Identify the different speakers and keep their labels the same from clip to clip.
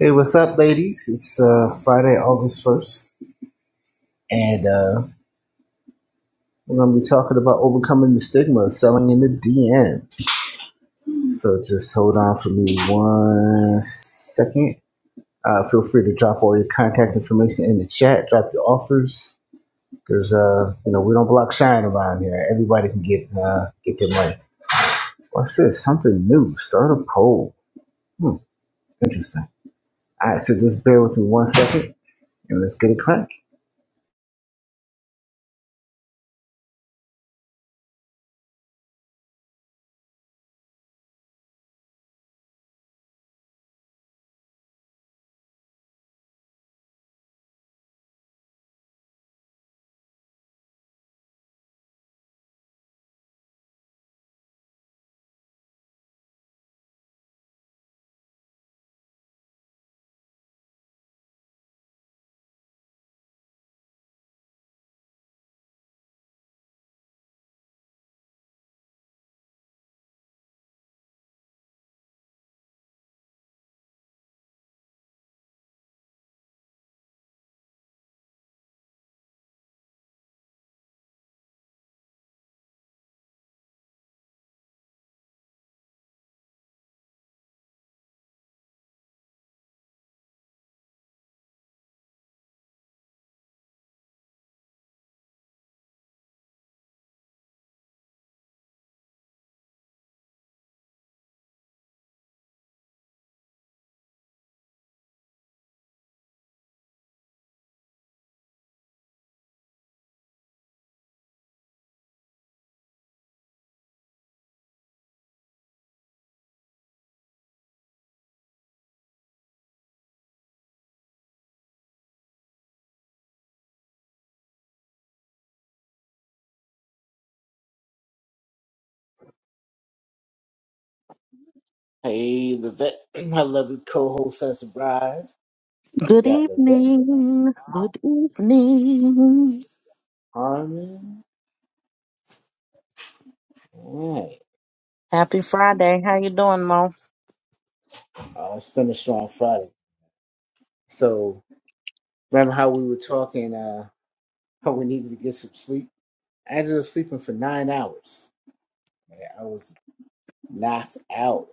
Speaker 1: Hey, what's up, ladies? It's uh, Friday, August 1st, and uh, we're going to be talking about overcoming the stigma of selling in the DMs. So just hold on for me one second. Uh, feel free to drop all your contact information in the chat, drop your offers, because, uh, you know, we don't block shine around here. Everybody can get uh, get their money. What's this? Something new. Start a poll. Hmm, interesting. All right, so just bear with me one second, and let's get it cranked. Hey, the vet, my lovely co-host has surprise. We
Speaker 2: Good
Speaker 1: got the vet,
Speaker 2: evening. Good evening.
Speaker 1: Harmon. Alright, let's
Speaker 2: Happy
Speaker 1: see.
Speaker 2: Friday. How you doing, Mo?
Speaker 1: Uh, let's finish on Friday. So remember how we were talking? Uh, how we needed to get some sleep. I ended up sleeping for nine hours. Yeah, I was knocked out.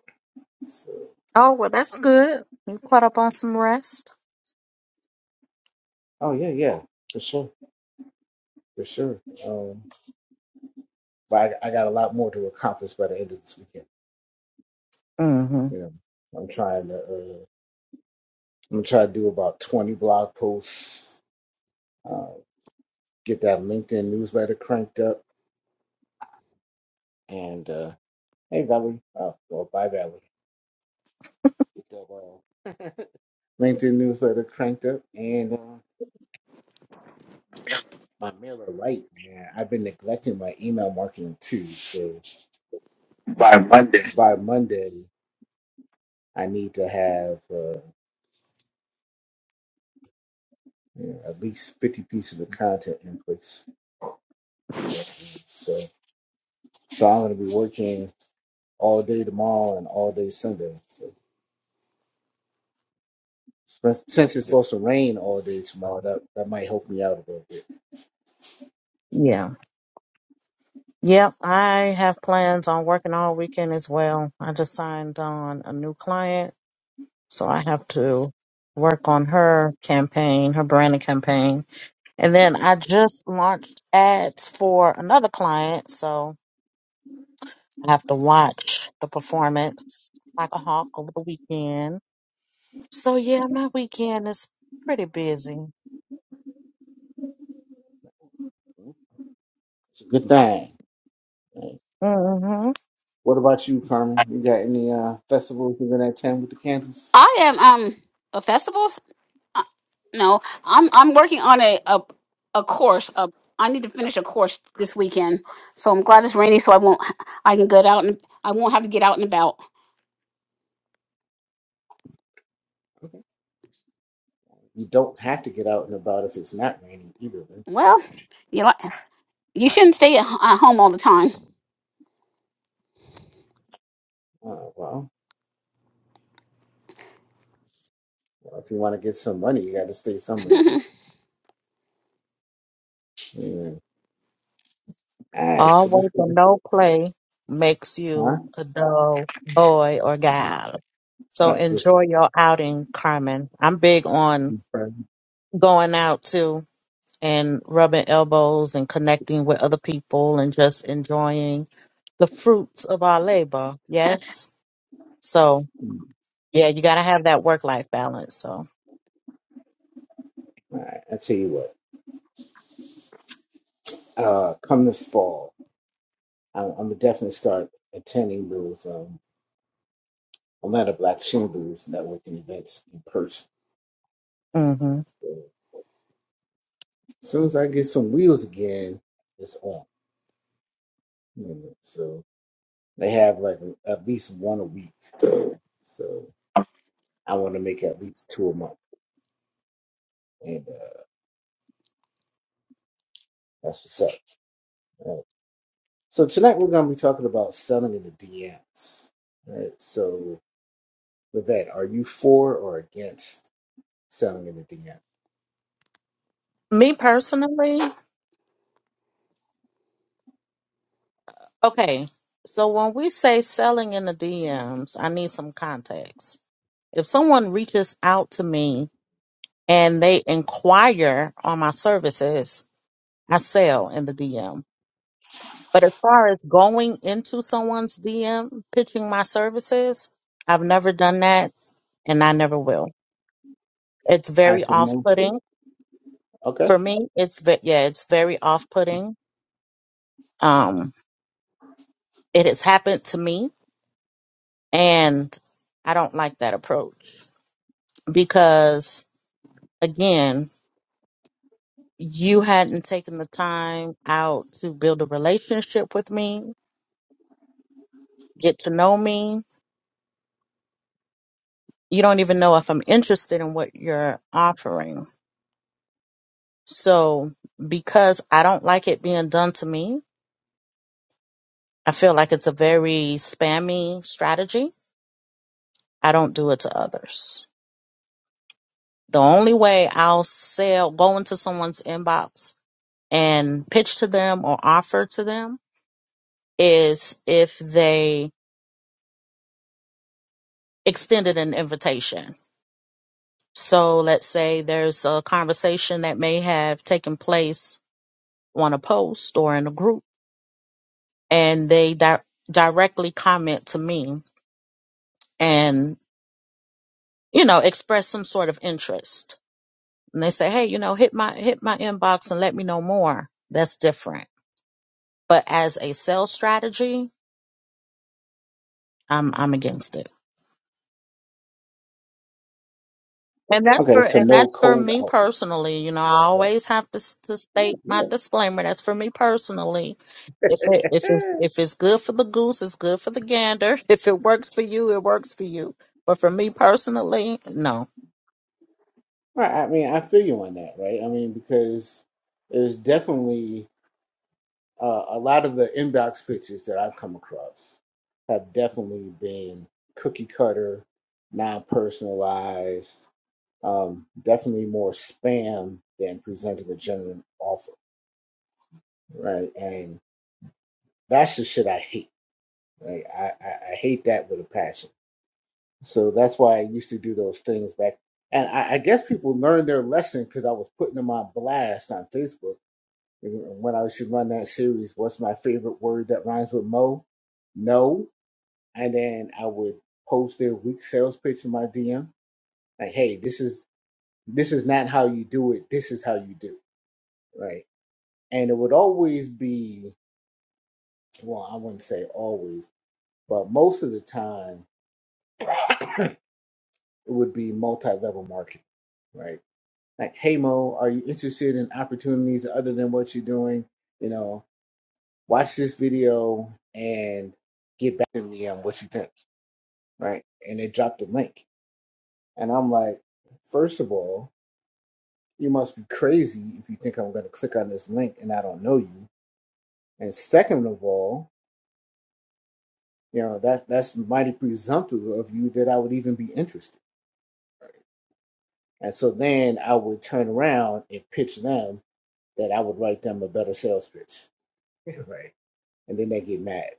Speaker 1: So,
Speaker 2: Oh, well, that's good. You caught up on some rest?
Speaker 1: oh yeah, yeah, for sure, for sure. Um, but I, I got a lot more to accomplish by the end of this weekend.
Speaker 2: Mm-hmm.
Speaker 1: You know, I'm trying to. Uh, I'm gonna try to do about 20 blog posts. uh, get that LinkedIn newsletter cranked up. And uh, hey, Valerie. Oh, well, bye, Valerie. Get that uh, LinkedIn newsletter cranked up and uh, my mailer right, man. I've been neglecting my email marketing too. So
Speaker 3: by Monday.
Speaker 1: by Monday, I need to have uh, you know, at least 50 pieces of content in place. So, so I'm going to be working all day tomorrow and all day Sunday. So since since it's supposed to rain all day tomorrow, that, that might help me out a little bit.
Speaker 2: Yeah. Yep. I have plans on working all weekend as well. I just signed on a new client, so I have to work on her campaign, her branding campaign. And then I just launched ads for another client, so I have to watch the performance like a hawk over the weekend So yeah, my weekend is pretty busy.
Speaker 1: It's a good thing.
Speaker 2: Mm-hmm.
Speaker 1: What about you, Carmen? You got any uh, festivals you're gonna attend with the candles?
Speaker 3: I am um a festivals. Uh, no, I'm I'm working on a a a course. A, I need to finish a course this weekend. So I'm glad it's rainy, so I won't. I can get out and I won't have to get out and about.
Speaker 1: You don't have to get out and about if it's not raining either. Then,
Speaker 3: Well, you like you shouldn't stay at, h- at home all the time.
Speaker 1: uh, well, well, if you want to get some money, you got to stay somewhere. Yeah. All right,
Speaker 2: All
Speaker 1: so let's
Speaker 2: work
Speaker 1: get
Speaker 2: and
Speaker 1: it.
Speaker 2: no play makes
Speaker 1: Huh?
Speaker 2: you
Speaker 1: All
Speaker 2: a dull boy or gal. So
Speaker 1: right, just
Speaker 2: enjoy your outing, Carmen. I'm big on
Speaker 1: all
Speaker 2: going out too and rubbing elbows and connecting with other people and just enjoying the fruits of our labor. Yes. So yeah, you gotta have that work life balance. So
Speaker 1: right, I tell you what. Uh, come this fall, I'm, I'm gonna definitely start attending those um, Atlanta Black Chamber's networking events in person.
Speaker 2: hmm
Speaker 1: As soon as I get some wheels again, it's on. You know, so. They have like at least one a week.
Speaker 3: So
Speaker 1: So I want to make at least two a month. And uh, that's what's up. All right. So tonight we're going to be talking about selling in the DMs. All right. So, Levette, are you for or against selling in the DM?
Speaker 2: me personally, Okay, so when we say selling in the DMs, I need some context. If someone reaches out to me and they inquire on my services, I sell in the DM. But as far as going into someone's DM, pitching my services, I've never done that and I never will. It's
Speaker 1: I
Speaker 2: very
Speaker 1: said
Speaker 2: off
Speaker 1: no.
Speaker 2: putting.
Speaker 1: Okay.
Speaker 2: For me, it's, ve- yeah, it's very off putting. Um, it has happened to me and I don't like that approach because again, you hadn't taken the time out to build a relationship with me, get to know me. You don't even know if I'm interested in what you're offering. So, because I don't like it being done to me, I feel like it's a very spammy strategy. I don't do it to others. The only way I'll sell, go into someone's inbox and pitch to them or offer to them is if they extended an invitation So let's say there's a conversation that may have taken place on a post or in a group, and they di- directly comment to me and you know express some sort of interest. And they say, "Hey, you know, hit my hit my inbox and let me know more." That's different. But as a sales strategy, I'm I'm against it. And that's
Speaker 1: Okay.
Speaker 2: for
Speaker 1: So,
Speaker 2: and
Speaker 1: no
Speaker 2: that's for
Speaker 1: cold
Speaker 2: me
Speaker 1: out.
Speaker 2: personally. You know, I
Speaker 1: Right.
Speaker 2: always have to s- to
Speaker 1: Yeah.
Speaker 2: state my
Speaker 1: Yeah.
Speaker 2: disclaimer. That's for me personally. If it if it's if it's good for the goose, it's good for the gander. If it works for you, it works for you. But for me personally, no.
Speaker 1: Right. I mean, I feel you on that, right? I mean, because there's definitely. uh, a lot of the inbox pitches that I've come across have definitely been cookie cutter, non personalized, um, definitely more spam than presenting a genuine offer, right? And that's the shit I hate, right? I, I, I hate that with a passion. So that's why I used to do those things back. And I, I guess people learned their lesson because I was putting them on blast on Facebook. And When I used to run that series, what's my favorite word that rhymes with Mo? No and then I would post their weak sales pitch in my DM. Like, hey, this is this is not how you do it. This is how you do it, right. And it would always be well, I wouldn't say always, but most of the time it would be multi-level marketing, right? Like, hey Mo, are you interested in opportunities other than what you're doing? You know, watch this video and get back to me on what you think, right? And they dropped the link, and I'm like, first of all, You must be crazy if you think I'm going to click on this link and I don't know you. And second of all, you know that that's mighty presumptive of you that I would even be interested. And so then I would turn around and pitch them that I would write them a better sales pitch, right? And then they get mad.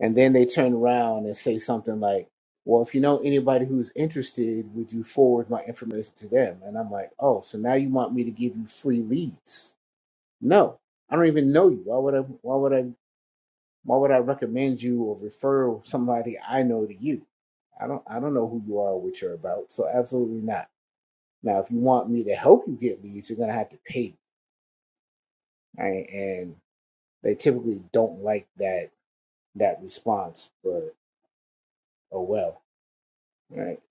Speaker 1: And then they turn around and say something like, "Well, if you know anybody who's interested, would you forward my information to them?" And I'm like, "Oh, so now you want me to give you free leads?" No, I don't even know you. Why would I? Why would I? Why would I recommend you or refer somebody I know to you? I don't I don't know who you are or what you're about, so absolutely not. Now, if you want me to help you get leads, you're gonna have to pay me, right? And they typically don't like that that response, but oh well, right?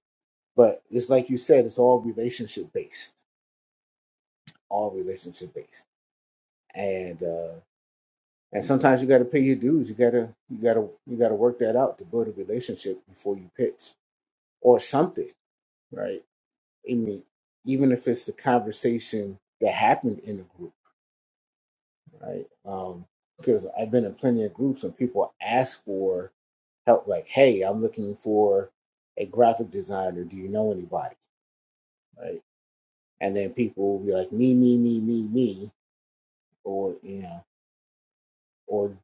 Speaker 1: But it's like you said, it's all relationship based, all relationship based, and uh, and sometimes you got to pay your dues. You gotta you gotta you gotta work that out to build a relationship before you pitch or something, right? I mean, even if it's the conversation that happened in the group, right? Um, because I've been in plenty of groups and people ask for help, like, "Hey, I'm looking for a graphic designer. Do you know anybody?" Right? And then people will be like, "Me, me, me, me, me," or you know, or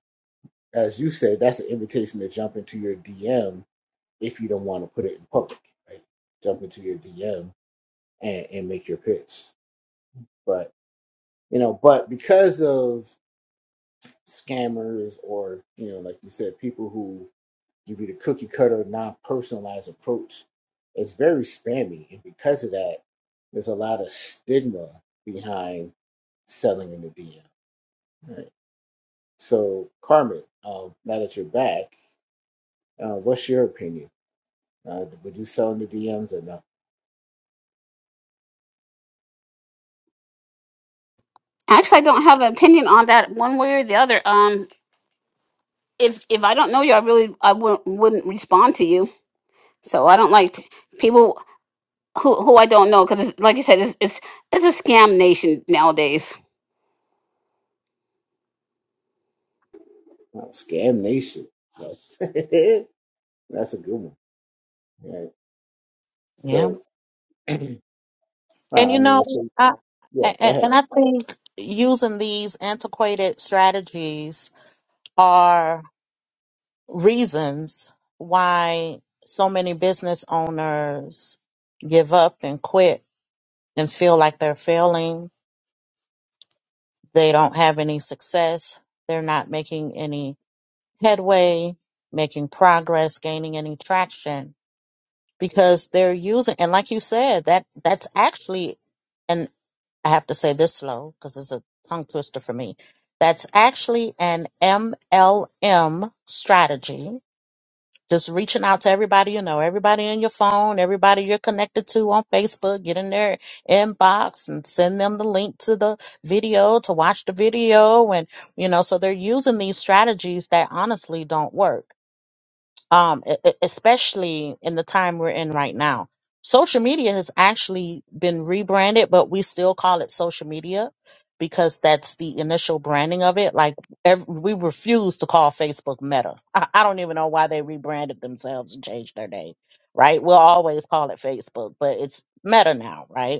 Speaker 1: as you say, that's an invitation to jump into your DM if you don't want to put it in public, right? Jump into your DM and, and make your pitch, but you know, but because of scammers or you know like you said people who give you the cookie cutter non-personalized approach it's very spammy and because of that there's a lot of stigma behind selling in the dm right so carmen um, now that you're back uh, what's your opinion uh, would you sell in the dms or not
Speaker 3: Actually, I don't have an opinion on that one way or the other. Um, if if I don't know you, I really I wouldn't wouldn't respond to you. So I don't like people. who who I don't know because, like I said, it's, it's it's a scam nation nowadays.
Speaker 1: Wow, scam nation that's, that's a good one right
Speaker 2: Yeah.
Speaker 1: so
Speaker 2: And
Speaker 1: i
Speaker 2: you
Speaker 1: mean
Speaker 2: know,
Speaker 1: so
Speaker 2: I
Speaker 1: yeah
Speaker 2: a- a-
Speaker 1: go
Speaker 2: and I think using these antiquated strategies are reasons why so many business owners give up and quit and feel like they're failing, they don't have any success, they're not making any headway, making progress, gaining any traction because they're using and like you said, that that's actually and I have to say this slow because it's a tongue twister for me. That's actually an MLM strategy Just reaching out to everybody you know, everybody in your phone, everybody you're connected to on Facebook, get in their inbox and send them the link to the video to watch the video. And, you know, so they're using these strategies that honestly don't work um, e- e- especially in the time we're in right now. Social media has actually been rebranded, but we still call it social media because that's the initial branding of it. Like ev we refuse to call Facebook Meta. I, I don't even know why they rebranded themselves and changed their name, right? We'll always call it Facebook, but it's Meta now, right?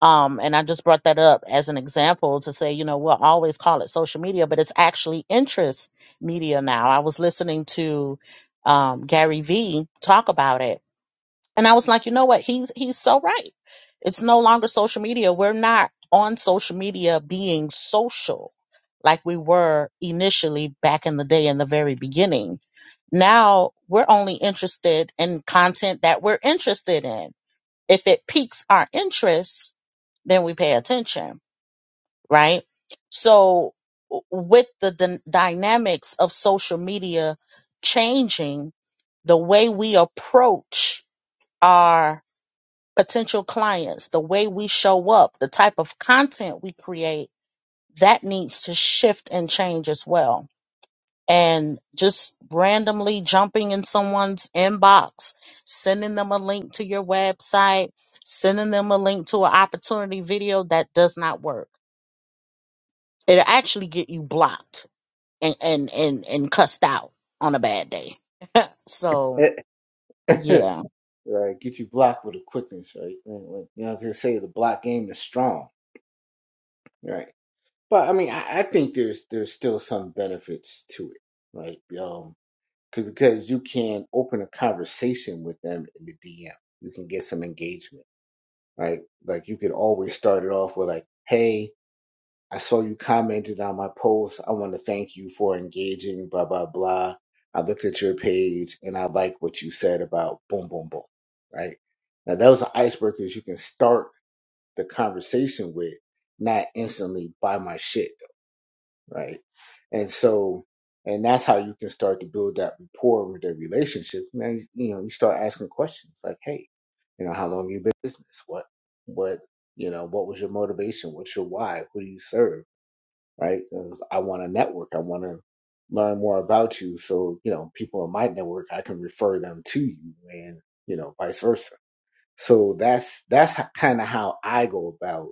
Speaker 2: Um, and I just brought that up as an example to say, you know, we'll always call it social media, but it's actually interest media now. I was listening to um, Gary Vee talk about it, and I was like, you know what? He's he's so right. It's no longer social media. We're not on social media being social like we were initially back in the day in the very beginning. Now we're only interested in content that we're interested in if it piques our interest, then we pay attention, right? So, w- with the d- dynamics of social media changing, the way we approach our potential clients, the way we show up, the type of content we create, that needs to shift and change as well and just randomly jumping in someone's inbox, sending them a link to your website, sending them a link to an opportunity video that does not work. It'll actually get you blocked and and and, and cussed out on a bad day. So
Speaker 1: ahead
Speaker 2: yeah.
Speaker 1: right? Get you blocked with a quickness, right? When- when- You know, to say the block game is strong, right? But I mean, I, I think there's there's still some benefits to it, right? Um, 'cause- because you can open a conversation with them in the DM, you can get some engagement, right? Like you could always start it off with like, "Hey." I saw you commented on my post. I want to thank you for engaging, blah, blah, blah. I looked at your page and I like what you said about boom, boom, boom, right? Now, those are icebreakers you can start the conversation with, not instantly buy my shit, right? And so, and that's how you can start to build that rapport with the relationship. Man, you know, you start asking questions like, hey, you know, how long you been in business? What, what, you know, what was your motivation? What's your why? Who do you serve? right? Because I want to network, I want to learn more about you, so you know people in my network I can refer them to you, and you know vice versa. So that's that's kind of how I go about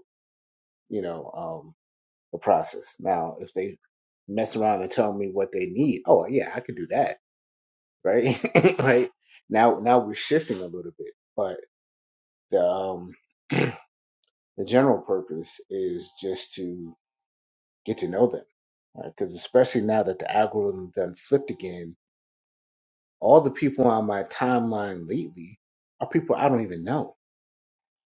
Speaker 1: you know um, the process. Now, if they mess around and tell me what they need, oh yeah, I could do that, right? right now, now we're shifting a little bit, but the um, the general purpose is just to get to know them because especially now that the algorithm done flipped again all the people on my timeline lately are people I don't even know.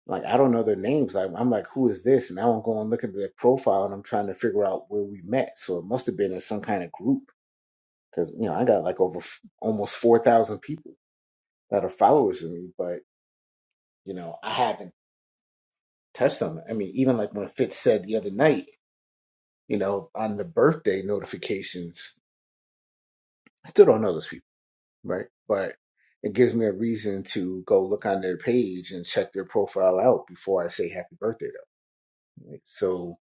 Speaker 1: Like I don't know their names. Like I'm like, who is this? And I don't go and look at their profile, and I'm trying to figure out where we met. So it must have been in some kind of group because you know I got like over f- almost four thousand people that are followers of me, but you know I haven't touched them. I mean, even like when Fitz said the other night, you know, on the birthday notifications, I still don't know those people. right? But it gives me a reason to go look on their page and check their profile out before I say happy birthday to them. right? So,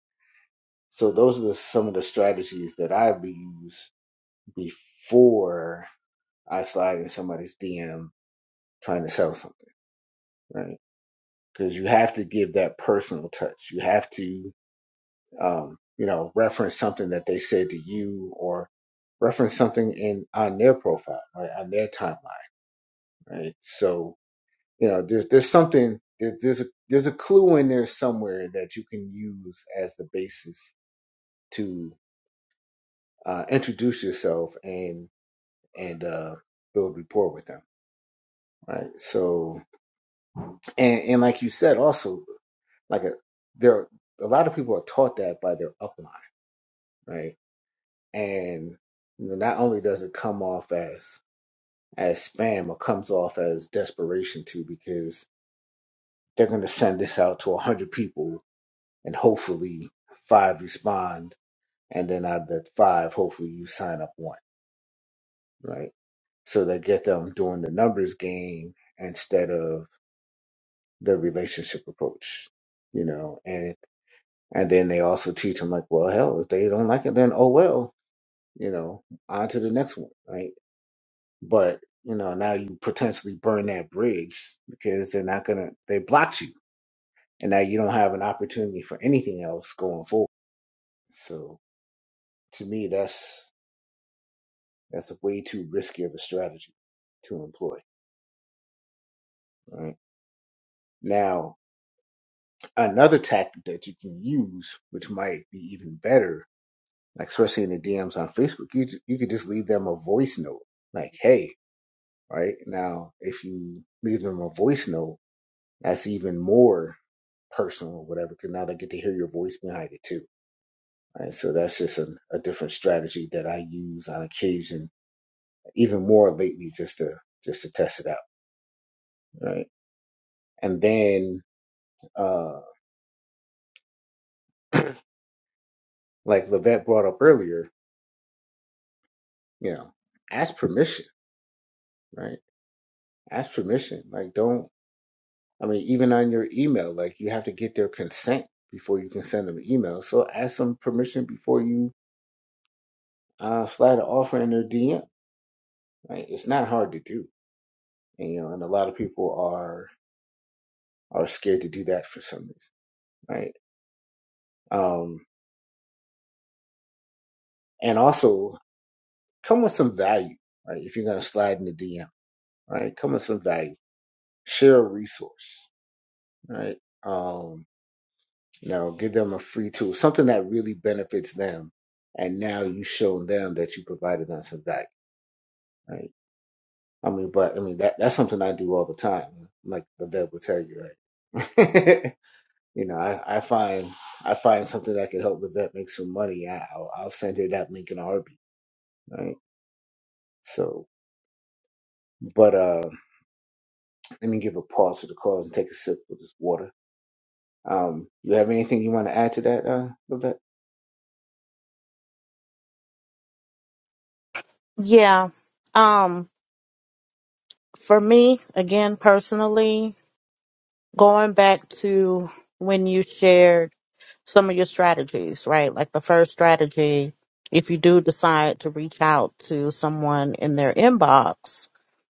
Speaker 1: so those are the, some of the strategies that I use before I slide in somebody's DM trying to sell something, right? Because you have to give that personal touch. You have to, um, you know, reference something that they said to you or reference something in on their profile, right, on their timeline, right? So You know, there's there's something there, there's a, there's a clue in there somewhere that you can use as the basis to uh, introduce yourself and and uh, build rapport with them, right? So and and like you said, also like a, there a lot of people are taught that by their upline, right? And you know, not only does it come off as as spam or comes off as desperation too, because they're going to send this out to 100 people and hopefully five respond, and then out of that five, hopefully you sign up one, right? So they get them doing the numbers game instead of the relationship approach, you know, and and then they also teach them like, well, hell, if they don't like it, then oh well, you know, on to the next one, right? But you know, now you potentially burn that bridge because they're not gonna they blocked you, and now you don't have an opportunity for anything else going forward. So to me, that's That's way too risky of a strategy to employ. Right? Now, another tactic that you can use, which might be even better, like especially in the DMs on Facebook, you ju- you could just leave them a voice note, like "Hey," right now. If you leave them a voice note, that's even more personal or whatever, because now they get to hear your voice behind it too. Right? So that's just an, a different strategy that I use on occasion, even more lately, just to just to test it out. Right. And then uh, like Levette brought up earlier, you know, ask permission, right? Ask permission. Like, don't, I mean, even on your email, like, you have to get their consent before you can send them an email. So ask them permission before you uh, slide an offer in their DM, right? It's not hard to do. And, you know, and a lot of people are are scared to do that for some reason, right? Um, and also come with some value, right? If you're going to slide in the DM, right? Come with some value. Share a resource, right? Um, You know, give them a free tool, something that really benefits them. And now you show them that you provided them some value, right? I mean, but I mean that that's something I do all the time. Like the vet will tell you, right? you know, I, I find I find something that could help the vet make some money. I, I'll, I'll send her that link in a heartbeat, right? So, but uh, let me give a pause to the calls and take a sip of this water. Um, you have anything you want to add to that, uh, Levette?
Speaker 2: Yeah. Um for me, again personally, going back to when you shared some of your strategies, right? Like the first strategy, if you do decide to reach out to someone in their inbox,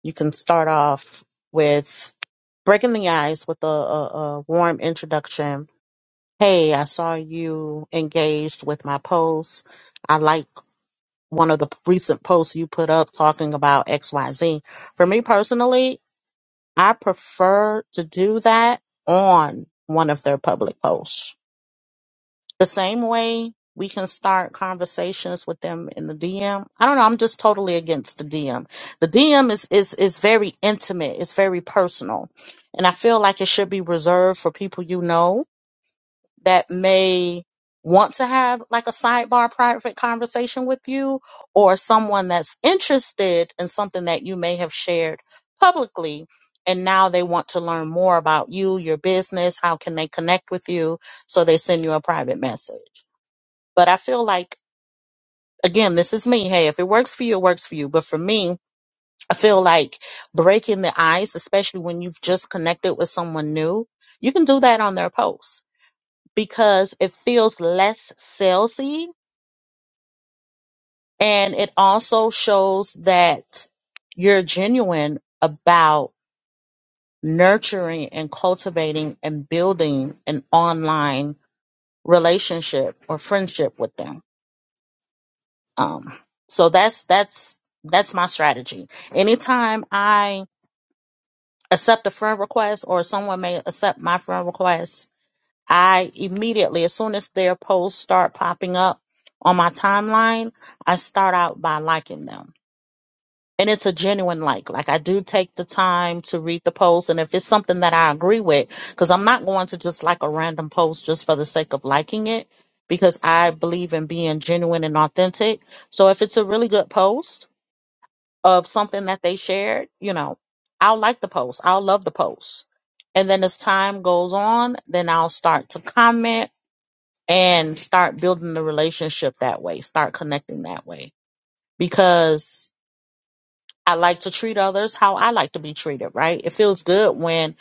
Speaker 2: you can start off with breaking the ice with a, a, a warm introduction. Hey, I saw you engaged with my post. I like one of the recent posts you put up talking about XYZ. For me personally, I prefer to do that on one of their public posts the same way we can start conversations with them in the DM. I don't know. I'm just totally against the DM. The DM is is is very intimate. It's very personal, and I feel like it should be reserved for people you know that may want to have like a sidebar private conversation with you or someone that's interested in something that you may have shared publicly and now they want to learn more about you your business how can they connect with you so they send you a private message but I feel like, again, this is me. Hey, if it works for you, it works for you. But for me, I feel like breaking the ice, especially when you've just connected with someone new, you can do that on their post because it feels less salesy and it also shows that you're genuine about nurturing and cultivating and building an online relationship or friendship with them. Um, so that's that's that's my strategy. Anytime I accept a friend request or someone may accept my friend request, I immediately, as soon as their posts start popping up on my timeline, I start out by liking them. And it's a genuine like. Like I do take the time to read the post and if it's something that I agree with, because I'm not going to just like a random post just for the sake of liking it, because I believe in being genuine and authentic. So if it's a really good post, of something that they shared, you know, I'll like the post. I'll love the post. And then as time goes on, then I'll start to comment and start building the relationship that way, start connecting that way. Because I like to treat others how I like to be treated, right? It feels good when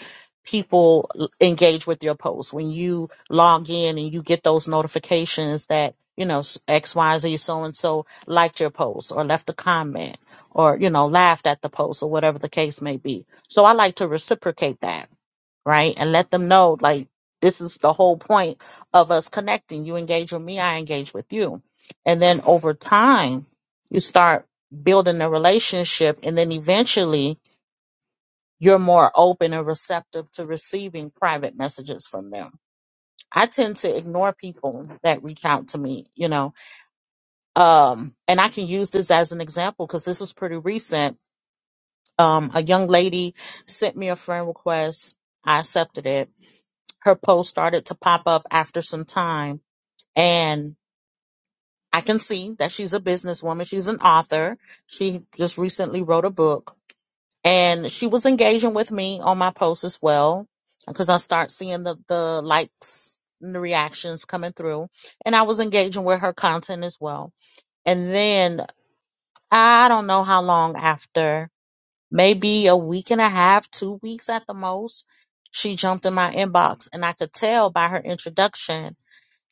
Speaker 2: people l- engage with your posts, when you log in and you get those notifications that, you know, s- XYZ so and so liked your post or left a comment or, you know, laughed at the post or whatever the case may be. So I like to reciprocate that right? And let them know, like, this is the whole point of us connecting. You engage with me, I engage with you. And then over time, you start building a relationship. And then eventually, you're more open and receptive to receiving private messages from them. I tend to ignore people that reach out to me, you know. Um, and I can use this as an example because this was pretty recent. Um, a young lady sent me a friend request. I accepted it her post started to pop up after some time and i can see that she's a businesswoman she's an author she just recently wrote a book and she was engaging with me on my post as well because i start seeing the, the likes and the reactions coming through and i was engaging with her content as well and then i don't know how long after maybe a week and a half two weeks at the most she jumped in my inbox and i could tell by her introduction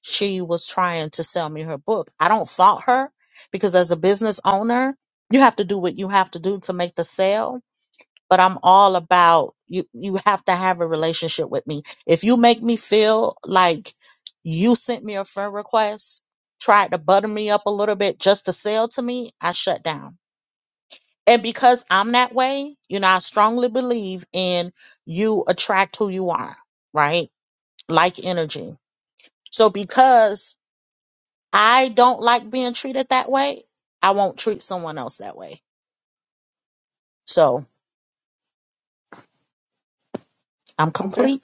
Speaker 2: she was trying to sell me her book. I don't fault her because as a business owner, you have to do what you have to do to make the sale. But I'm all about you you have to have a relationship with me. If you make me feel like you sent me a friend request, tried to butter me up a little bit just to sell to me, I shut down. And because I'm that way, you know, I strongly believe in you attract who you are, right? Like energy. So because I don't like being treated that way, I won't treat someone else that way. So I'm
Speaker 1: Okay. All
Speaker 2: complete.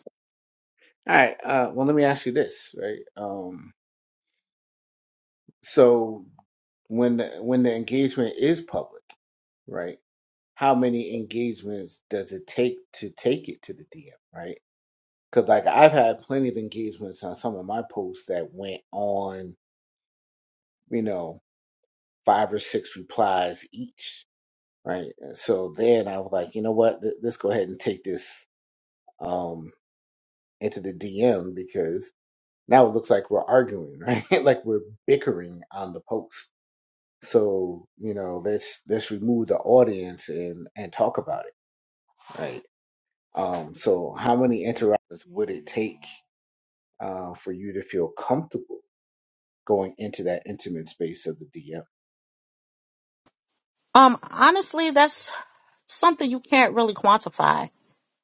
Speaker 1: right. Uh, well, let me ask you this, right? Um. So when the when the engagement is public, right? How many engagements does it take to take it to the DM, right? Because like I've had plenty of engagements on some of my posts that went on, you know, five or six replies each, right? So then I was like, you know what? Th- Let's go ahead and take this um into the DM because now it looks like we're arguing, right? like we're bickering on the post So you know, let's let's remove the audience and and talk about it, right? Um, so how many interactions would it take uh, for you to feel comfortable going into that intimate space of the DM?
Speaker 2: Um, honestly, that's something you can't really quantify.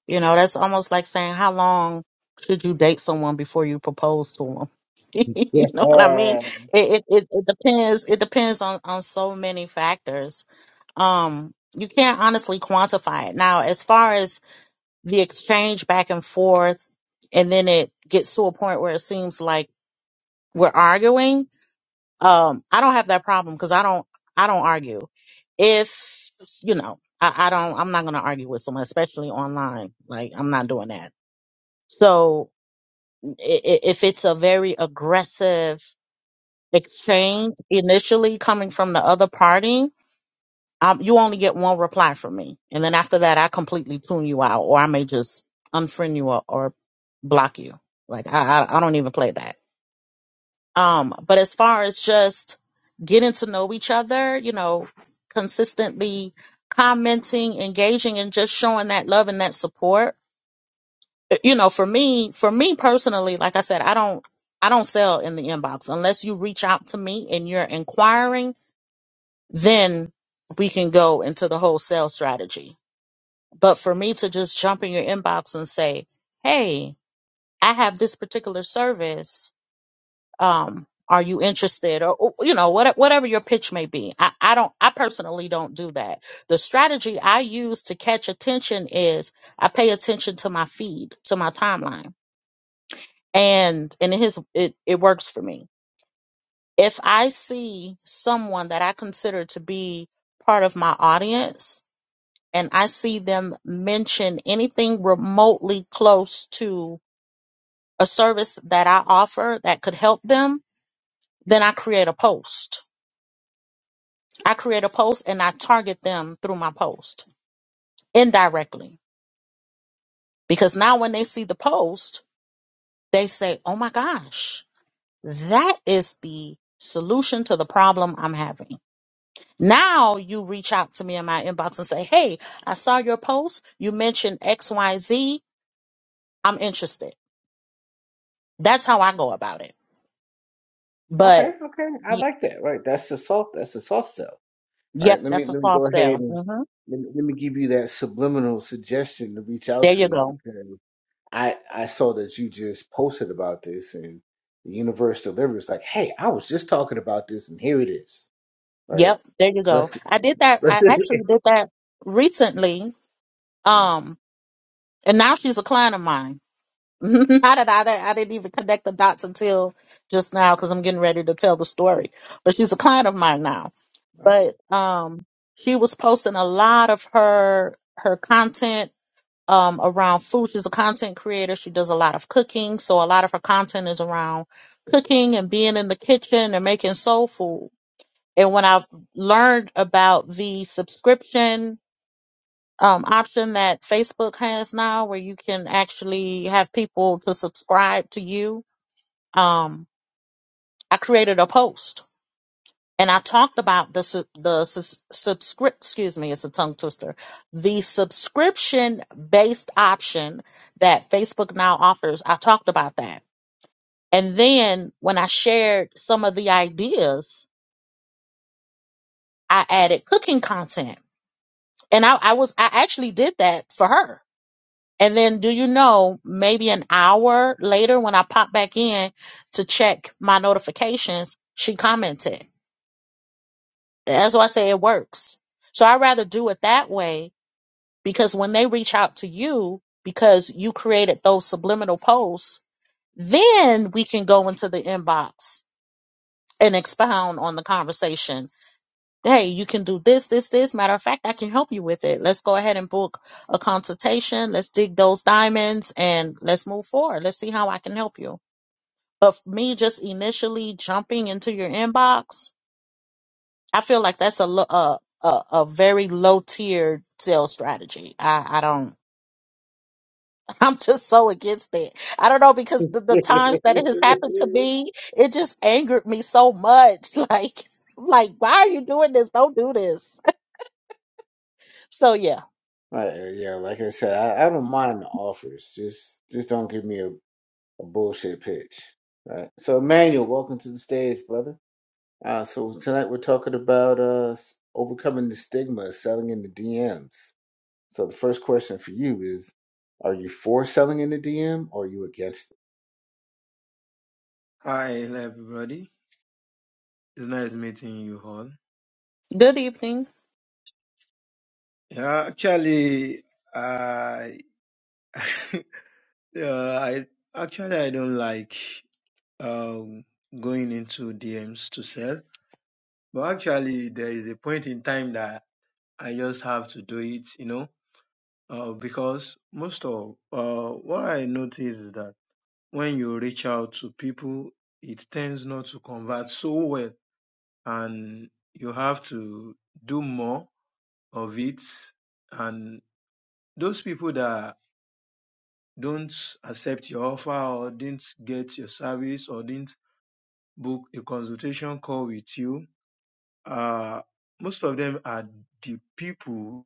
Speaker 2: You know, that's almost like saying how long should you date someone before you propose to them. you
Speaker 1: Yeah.
Speaker 2: know what I mean?
Speaker 1: Uh,
Speaker 2: It, it it it depends. It depends on on so many factors. Um, you can't honestly quantify it. Now, as far as the exchange back and forth, and then it gets to a point where it seems like we're arguing Um, I don't have that problem because I don't I don't argue. If you know, I, I don't I'm not gonna argue with someone, especially online. Like I'm not doing that. So i- i- if it's a very aggressive exchange initially coming from the other party, um, you only get one reply from me, and then after that, I completely tune you out, or I may just unfriend you or, or block you. Like I, I I don't even play that. Um, but as far as just getting to know each other, you know, consistently commenting, engaging, and just showing that love and that support, uh, you know, for me, for me personally, like I said, I don't, I don't sell in the inbox unless you reach out to me and you're inquiring, then we can go into the whole sales strategy. But for me to just jump in your inbox and say, Hey, I have this particular service um are you interested or or, you know what, whatever your pitch may be I, I don't i personally don't do that the strategy i use to catch attention is i pay attention to my feed to my timeline and and it, has, it, it works for me if i see someone that i consider to be part of my audience and i see them mention anything remotely close to a service that i offer that could help them then i create a post I create a post and I target them through my post indirectly. Because now when they see the post, they say, oh my gosh, that is the solution to the problem I'm having. Now you reach out to me in my inbox and say, hey, I saw your post. You mentioned X, Y, am interested. That's how I go about it. But
Speaker 1: okay. Okay. I
Speaker 2: y-
Speaker 1: like that. Right. That's the soft. That's the soft sell. All
Speaker 2: yep,
Speaker 1: right. Let me
Speaker 2: that's a
Speaker 1: let me
Speaker 2: soft
Speaker 1: go
Speaker 2: sell.
Speaker 1: ahead and
Speaker 2: hmm
Speaker 1: let me, let me give you that subliminal suggestion to reach out
Speaker 2: There
Speaker 1: to
Speaker 2: you
Speaker 1: me
Speaker 2: go.
Speaker 1: I I saw that you just posted about this and the universe delivers like, hey, I was just talking about this and here it is. Right?
Speaker 2: Yep, there you go.
Speaker 1: Rest
Speaker 2: I did that. I actually did that recently.
Speaker 1: Mm.
Speaker 2: Um, And now she's a client of mine. now that I, I didn't even connect the dots until just now because I'm getting ready to tell the story. But she's a client of mine now. But
Speaker 1: Okay.
Speaker 2: um, she was posting a lot of her her content um, around food. She's a content creator. She does a lot of cooking, so a lot of her content is around cooking and being in the kitchen and making soul food. And when I learned about the subscription um, option that Facebook has now where you can actually have people to subscribe to you. Um, I created a post and I talked about the su- the sus subscript. Excuse me, it's a tongue twister. The subscription based option that Facebook now offers. I talked about that, and then when I shared some of the ideas, I added cooking content, and I, I was I actually did that for her And then, do you know, maybe an hour later when I popped back in to check my notifications, she commented. That's why I say it works. So I'd rather do it that way because when they reach out to you because you created those subliminal posts, then we can go into the inbox and expound on the conversation hey, you can do this, this, this. Matter of fact, I can help you with it. Let's go ahead and book a consultation. Let's dig those diamonds and let's move forward. Let's see how I can help you. But for me just initially jumping into your inbox, I feel like that's a lo- a, a, a very low tier sales strategy. I, I don't, I'm just so against it. I don't know because the, the times that it has happened to me, it just angered me so much. Like, like, why are you doing this? Don't do this. So yeah.
Speaker 1: Like, uh, yeah, like I said, I, I don't mind the offers. Just just don't give me a, a bullshit pitch. Right. So Emmanuel, welcome to the stage, brother. Uh so tonight we're talking about uh s- overcoming the stigma of selling in the DMs. So the first question for you is, are you for selling in the DM or are you against it?
Speaker 4: Hi, hello everybody. It's nice meeting you all.
Speaker 2: Good evening.
Speaker 4: Yeah, actually, I yeah, I actually I don't like um going into DMs to sell, but actually there is a point in time that I just have to do it, you know, uh, because most of uh what I notice is that when you reach out to people, it tends not to convert so well, and you have to do more of it. And those people that don't accept your offer or didn't get your service or didn't book a consultation call with you, uh, most of them are the people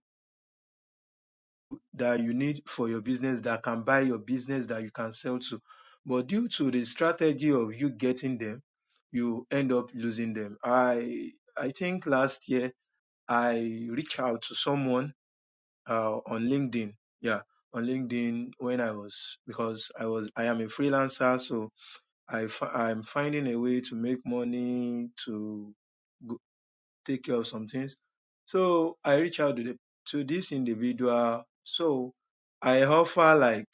Speaker 4: that you need for your business that can buy your business that you can sell to. But due to the strategy of you getting them, you end up losing them. I I think last year I reached out to someone uh, on LinkedIn. Yeah, on LinkedIn when I was because I was I am a freelancer, so I fi- I'm finding a way to make money to go, take care of some things. So I reach out to the, to this individual. So I offer like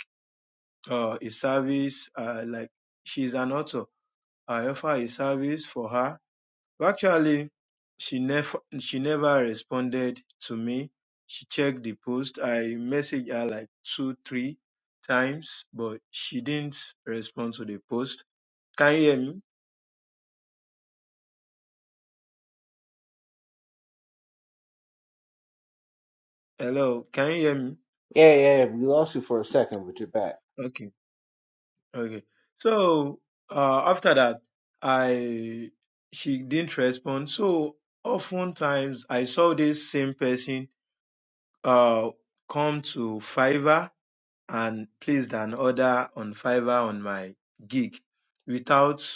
Speaker 4: uh, a service, uh, like she's an author. I offer a service for her well, Actually, she never she never responded to me. She checked the post. I messaged her like two, three times, but she didn't respond to the post. Can you hear me? Hello, can you hear me?
Speaker 1: Yeah, yeah, we lost you for a second, but you're back.
Speaker 4: Okay, okay. So uh, after that, I she didn't respond. So oftentimes I saw this same person uh come to Fiverr and placed an order on Fiverr on my gig without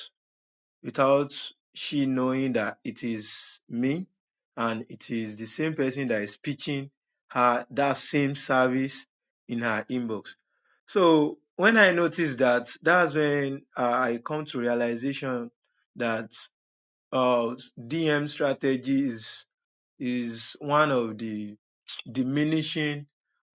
Speaker 4: without she knowing that it is me and it is the same person that is pitching her that same service in her inbox. So when I noticed that, that's when uh, I come to realization that uh, DM strategy is is one of the diminishing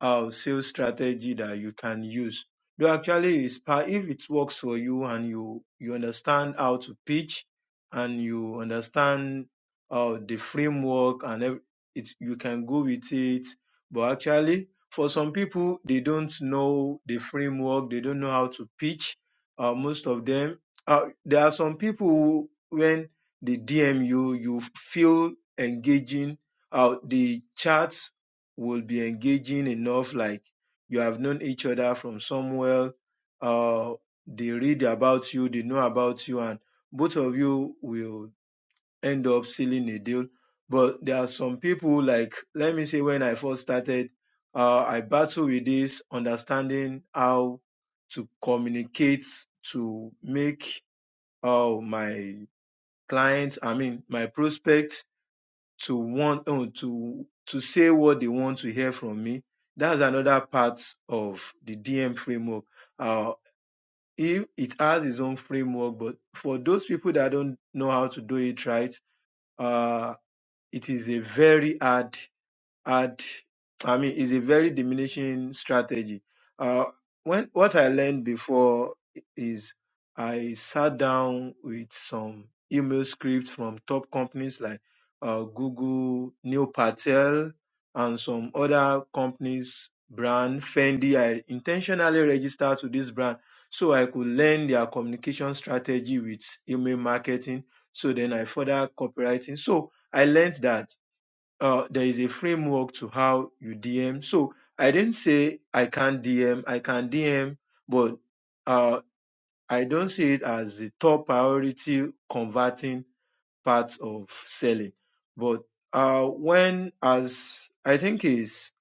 Speaker 4: uh, sales strategy that you can use. Though actually, is part if it works for you and you you understand how to pitch and you understand uh, the framework and ev- it you can go with it. But actually, for some people, they don't know the framework. They don't know how to pitch. Uh, most of them, uh, there are some people who, when they DM you, you feel engaging uh, the chats will be engaging enough like you have known each other from somewhere uh they read about you they know about you and both of you will end up sealing a deal but there are some people like let me say when i first started uh i battled with this understanding how to communicate to make uh my clients i mean my prospects to want oh, to to say what they want to hear from me. That's another part of the DM framework. Uh, if it has its own framework, but for those people that don't know how to do it right, uh, it is a very hard and I mean is a very diminishing strategy. Uh, when what I learned before is I sat down with some email scripts from top companies like uh, Google, Neil Patel, and some other companies brand Fendi. I intentionally registered to this brand so I could learn their communication strategy with email marketing. So then I further copywriting. So I learned that uh, there is a framework to how you DM. So I didn't say I can't DM. I can DM, but uh, I don't see it as a top priority converting part of selling. But uh, when as I think is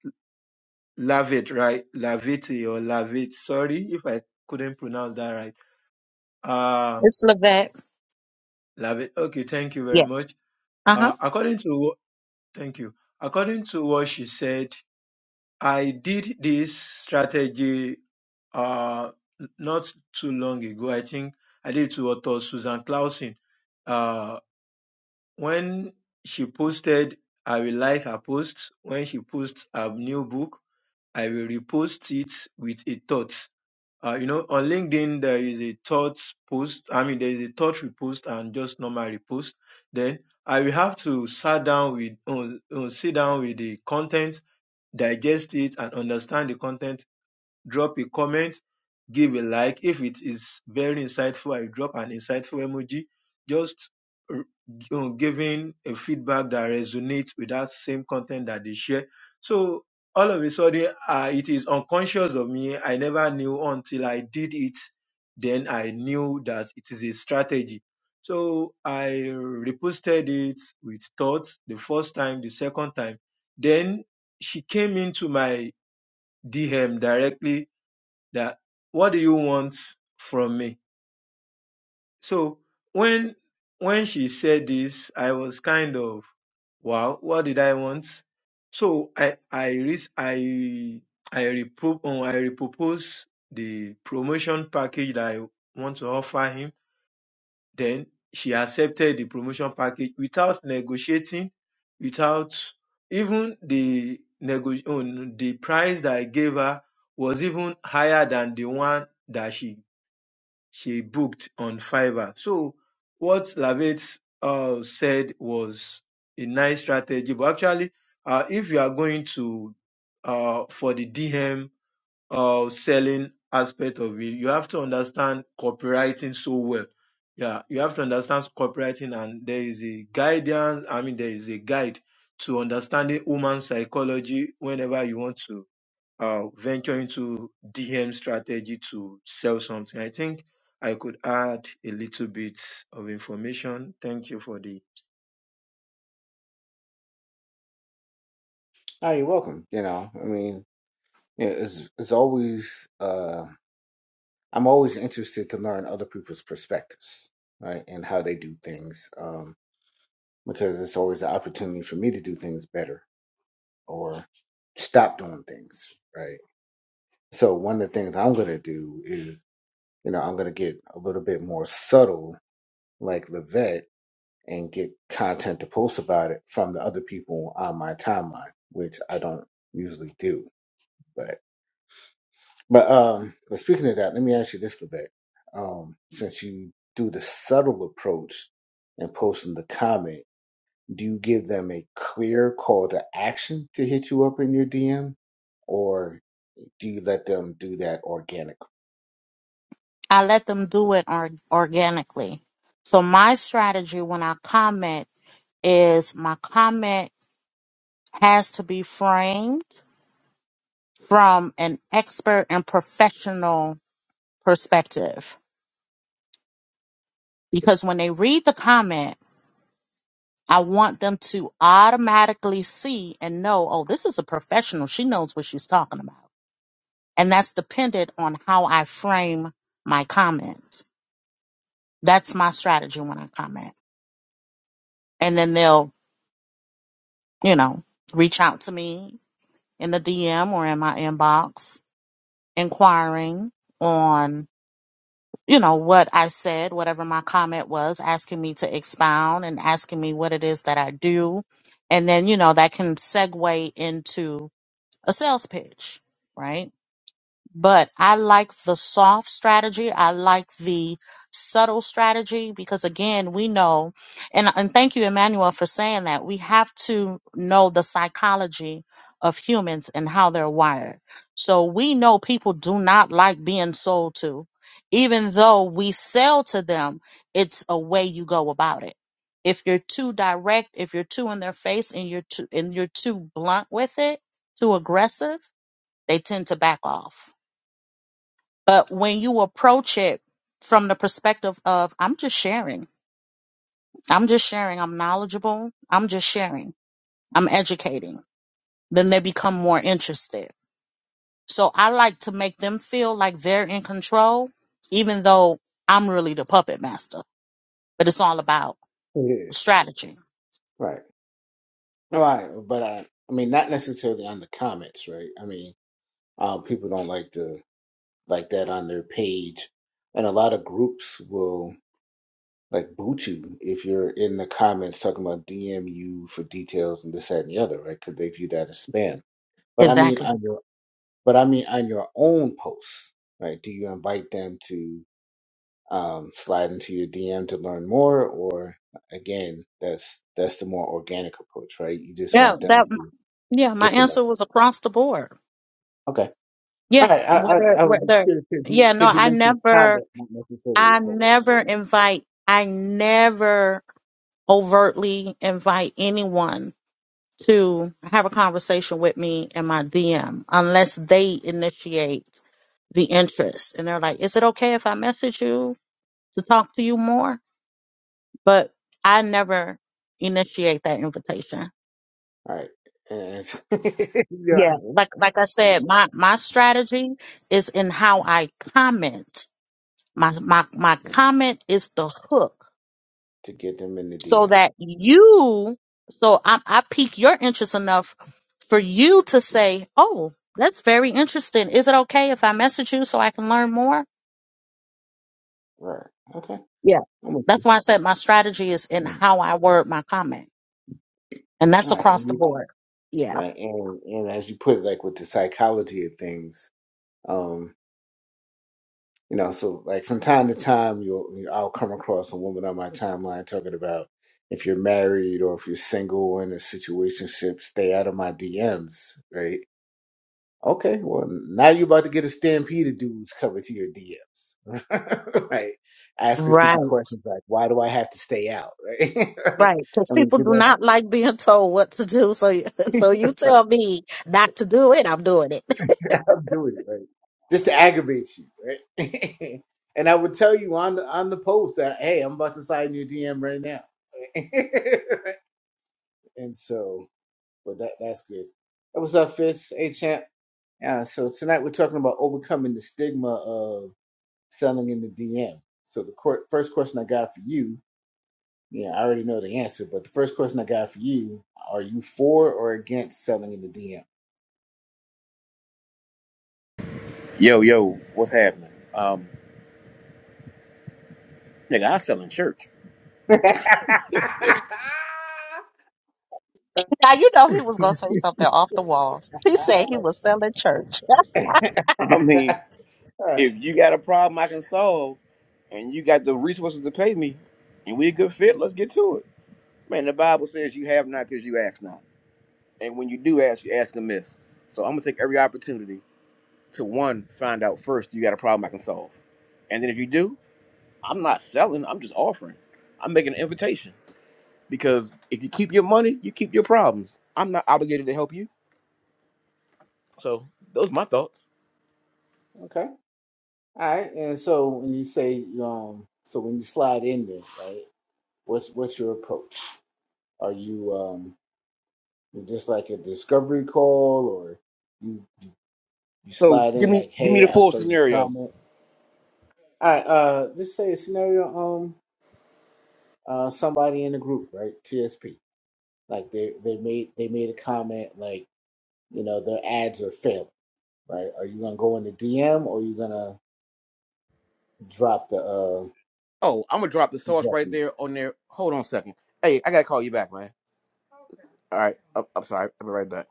Speaker 4: Lavit, right? Laviti or Lavit. Sorry if I couldn't pronounce that right. Uh,
Speaker 2: It's Levette.
Speaker 4: Lavit. Okay, thank you very
Speaker 2: Yes.
Speaker 4: much.
Speaker 2: Uh huh.
Speaker 4: Uh, according to wh- thank you. According to what she said, I did this strategy uh, not too long ago. I think I did it to author Susan Clausen. Uh, when she posted, I will like her post. When she posts a new book, I will repost it with a thought. Uh, you know, on LinkedIn, there is a thought post. I mean, there is a thought repost and just normal repost. Then I will have to sit down with, uh, uh, sit down with the content digest it and understand the content drop a comment, give a like. If it is very insightful, I drop an insightful emoji. Just r- uh, giving a feedback that resonates with that same content that they share. So all of a sudden, uh, it is unconscious of me. I never knew until I did it. Then I knew that it is a strategy. So I reposted it with thoughts the first time, the second time. Then she came into my DM directly that what do you want from me? So when when she said this, I was kind of wow, what did I want? So I I re- I I repro- oh, I repropose the promotion package that I want to offer him. Then she accepted the promotion package without negotiating, without even the nego- oh, the price that I gave her was even higher than the one that she she booked on Fiverr. So what Lavette uh, said was a nice strategy, but actually, uh, if you are going to uh, for the DM uh, selling aspect of it, you have to understand copywriting so well. Yeah, you have to understand copywriting, and there is a guidance. I mean, there is a guide to understanding human psychology whenever you want to uh, venture into DM strategy to sell something. I think I could add a little bit of information. Thank you for the
Speaker 1: Oh, you're welcome. You know, I mean, yeah, it's it's always uh I'm always interested to learn other people's perspectives, right? And how they do things. Um, because it's always an opportunity for me to do things better or stop doing things, right? So one of the things I'm gonna do is, you know, I'm gonna get a little bit more subtle like Levette and get content to post about it from the other people on my timeline, which I don't usually do. But but um but speaking of that, let me ask you this a Um since you do the subtle approach and posting the comment, do you give them a clear call to action to hit you up in your DM? Or do you let them do that organically?
Speaker 2: I let them do it or- organically. So my strategy when I comment is my comment has to be framed from an expert and professional perspective. Because when they read the comment, I want them to automatically see and know, oh, this is a professional. She knows what she's talking about. And that's dependent on how I frame my comments. That's my strategy when I comment. And then they'll, you know, reach out to me in the DM or in my inbox inquiring on, you know, what I said, whatever my comment was, asking me to expound and asking me what it is that I do. And then, you know, that can segue into a sales pitch, right? But I like the soft strategy. I like the subtle strategy because again, we know, and, and thank you, Emmanuel, for saying that. We have to know the psychology of humans and how they're wired. So we know people do not like being sold to. Even though we sell to them, it's a way you go about it. If you're too direct, if you're too in their face and you're too and you're too blunt with it, too aggressive, they tend to back off. But when you approach it from the perspective of, I'm just sharing, I'm just sharing, I'm knowledgeable, I'm just sharing, I'm educating, then they become more interested. So I like to make them feel like they're in control, even though I'm really the puppet master. But it's all about
Speaker 1: Yeah.
Speaker 2: strategy.
Speaker 1: Right. All right. But I I mean not necessarily on the comments, right? I mean um people don't like to like that on their page. And a lot of groups will like boot you if you're in the comments talking about DM you for details and this, that, and the other, right? Because they view that as spam. But I mean
Speaker 2: Exactly.
Speaker 1: on your but I mean on your own posts, right? Do you invite them to um, slide into your DM to learn more, or again, that's that's the more organic approach, right? You just
Speaker 2: Yeah,
Speaker 1: want
Speaker 2: that
Speaker 1: them to
Speaker 2: yeah, my
Speaker 1: get the message.
Speaker 2: answer was across the board.
Speaker 1: Okay.
Speaker 2: Yeah,
Speaker 1: All right. I I,
Speaker 2: whether
Speaker 1: I was just
Speaker 2: whether
Speaker 1: curious because you,
Speaker 2: yeah, no,
Speaker 1: 'cause you
Speaker 2: I
Speaker 1: mentioned
Speaker 2: never
Speaker 1: comment, not necessarily
Speaker 2: I
Speaker 1: a post.
Speaker 2: never
Speaker 1: so.
Speaker 2: invite I never overtly invite anyone to have a conversation with me in my DM unless they initiate the interest. And they're like, is it okay if I message you to talk to you more? But I never initiate that invitation.
Speaker 1: All right. And yeah.
Speaker 2: Yeah. Like like I said,
Speaker 1: Mm,
Speaker 2: my, my strategy is in how I comment. My my my
Speaker 1: mm,
Speaker 2: comment is the hook
Speaker 1: To get them in the
Speaker 2: so
Speaker 1: DM.
Speaker 2: that
Speaker 1: Yeah,
Speaker 2: you so I, I pique your interest enough for you to say oh that's very interesting is it okay if i message you so i can learn more
Speaker 1: Right. right, Okay.
Speaker 2: yeah
Speaker 1: I'm with
Speaker 2: that's why i said my strategy is in
Speaker 1: you. Mm.
Speaker 2: how i word my comment and that's
Speaker 1: All right.
Speaker 2: across
Speaker 1: And
Speaker 2: the
Speaker 1: you-
Speaker 2: board yeah
Speaker 1: right. And and as you put it, like with the psychology of things, um, you know, so like from time to time you'll you, I'll come across a woman on my timeline talking about if you're married or if you're single or in a situationship, stay out of my DMs, right? Okay, well now you're about to get a stampede of dudes coming to your DMs, right? Asking stupid
Speaker 2: right
Speaker 1: questions like, "Why do I have to stay out?" Right? right?
Speaker 2: right because
Speaker 1: I mean,
Speaker 2: people do
Speaker 1: 'cause that's
Speaker 2: not like being told what to do so you- so you tell me not to do it i'm doing it
Speaker 1: like, I'm doing it right just to aggravate you, right? and I would tell you on the on the post that, "Hey, I'm about to slide in your DM right now." and so, but that that's good. Hey, What's up, Fitz? Hey, champ. Yeah. So tonight we're talking about overcoming the stigma selling in the DM. So the court, first question I got for you, yeah, I already know the answer, but the first question I got for you, are you for or against selling in the DM?
Speaker 5: Yo, yo, what's happening? Um, nigga, I sell in church.
Speaker 2: Now you know he was gonna say something off the wall. He said he
Speaker 1: Ah.
Speaker 2: was selling church.
Speaker 5: I mean,
Speaker 1: all right.
Speaker 5: if you got a problem I can solve and you got the resources to pay me and we a good fit, let's get to it. Man, the Bible says you have not because you ask not. And when you do ask, you ask amiss. So I'm gonna take every opportunity to one, find out first you got a problem I can solve. And then if you do, I'm not selling, I'm just offering. I'm making an invitation. Because if you keep your money, you keep your problems. I'm not obligated to help you. So those are my thoughts.
Speaker 1: Okay. All right. And so when you say, um, so when you slide in there, right? What's what's your approach? Are you um just like a discovery call, or you you, you
Speaker 5: So
Speaker 1: slide
Speaker 5: give
Speaker 1: in
Speaker 5: me
Speaker 1: like,
Speaker 5: give me
Speaker 1: hey,
Speaker 5: the
Speaker 1: I
Speaker 5: full
Speaker 1: saw your
Speaker 5: scenario.
Speaker 1: comment. All right. Uh, just say a scenario. Um. uh, somebody in the group, right? TSP. Like they, they made they made a comment like, you know, their ads are failing, right? Are you gonna go in the DM or are you gonna drop the uh
Speaker 5: Oh, I'm gonna drop the sauce
Speaker 1: drop
Speaker 5: right
Speaker 1: them?
Speaker 5: there on there. Hold on a second. Hey, I gotta call you back, man. All right, I'm, I'm sorry. I'll be right back.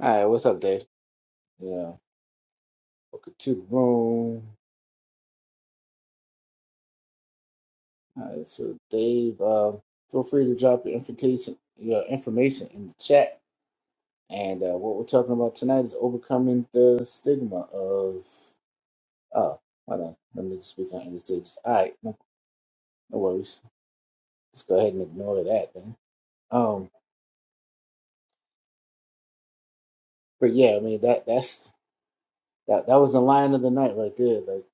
Speaker 1: all right, what's up, Dave? Yeah. Welcome to the room. All right, so Dave, uh, feel free to drop your invitation your information in the chat. And uh, what we're talking about tonight is overcoming the stigma of oh, hold on, let me just speak on the stages. All right, no, no worries. Let's go ahead and ignore that then. Um, but yeah, I mean that that's that that was the line of the night right there. Like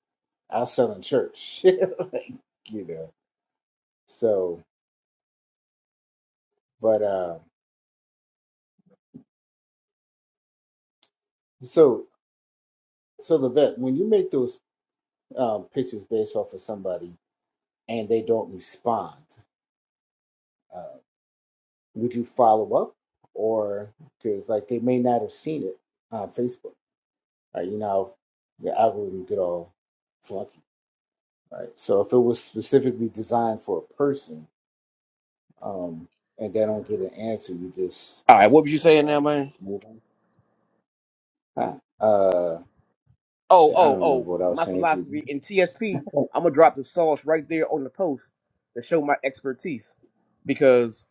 Speaker 1: I was selling church, like you know. So, but uh, so so the vet when you make those um, pictures based off of somebody and they don't respond, uh, would you follow up or because like they may not have seen it on Facebook, right? You know, the algorithm get all flunky, right? So if it was specifically designed for a person um, and they don't get an answer. You just
Speaker 5: All right,
Speaker 1: it's
Speaker 5: what was
Speaker 1: just
Speaker 5: you
Speaker 1: oh
Speaker 5: saying
Speaker 1: well,
Speaker 5: now,
Speaker 1: and you
Speaker 5: man?
Speaker 1: just move on. Huh. Uh,
Speaker 5: Oh,
Speaker 1: shit, I don't
Speaker 5: oh, oh.
Speaker 1: remember what I was
Speaker 5: My
Speaker 1: saying to you.
Speaker 5: philosophy in TSP, I'm gonna drop the sauce right there on the post to show my expertise. Because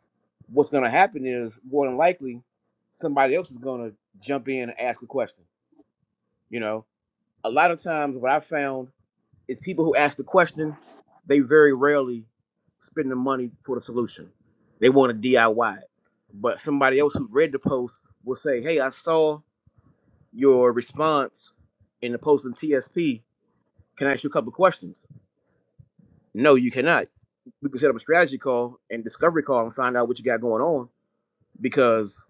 Speaker 5: what's gonna happen is more than likely somebody else is gonna jump in and ask a question. You know, a lot of times what I found is people who ask the question, they very rarely spend the money for the solution. They want to DIY it. But somebody else who read the post will say, Hey, I saw your response in the post in TSP. Can I ask you a couple of questions? No, you cannot. We can set up a strategy call and discovery call and find out what you got going on because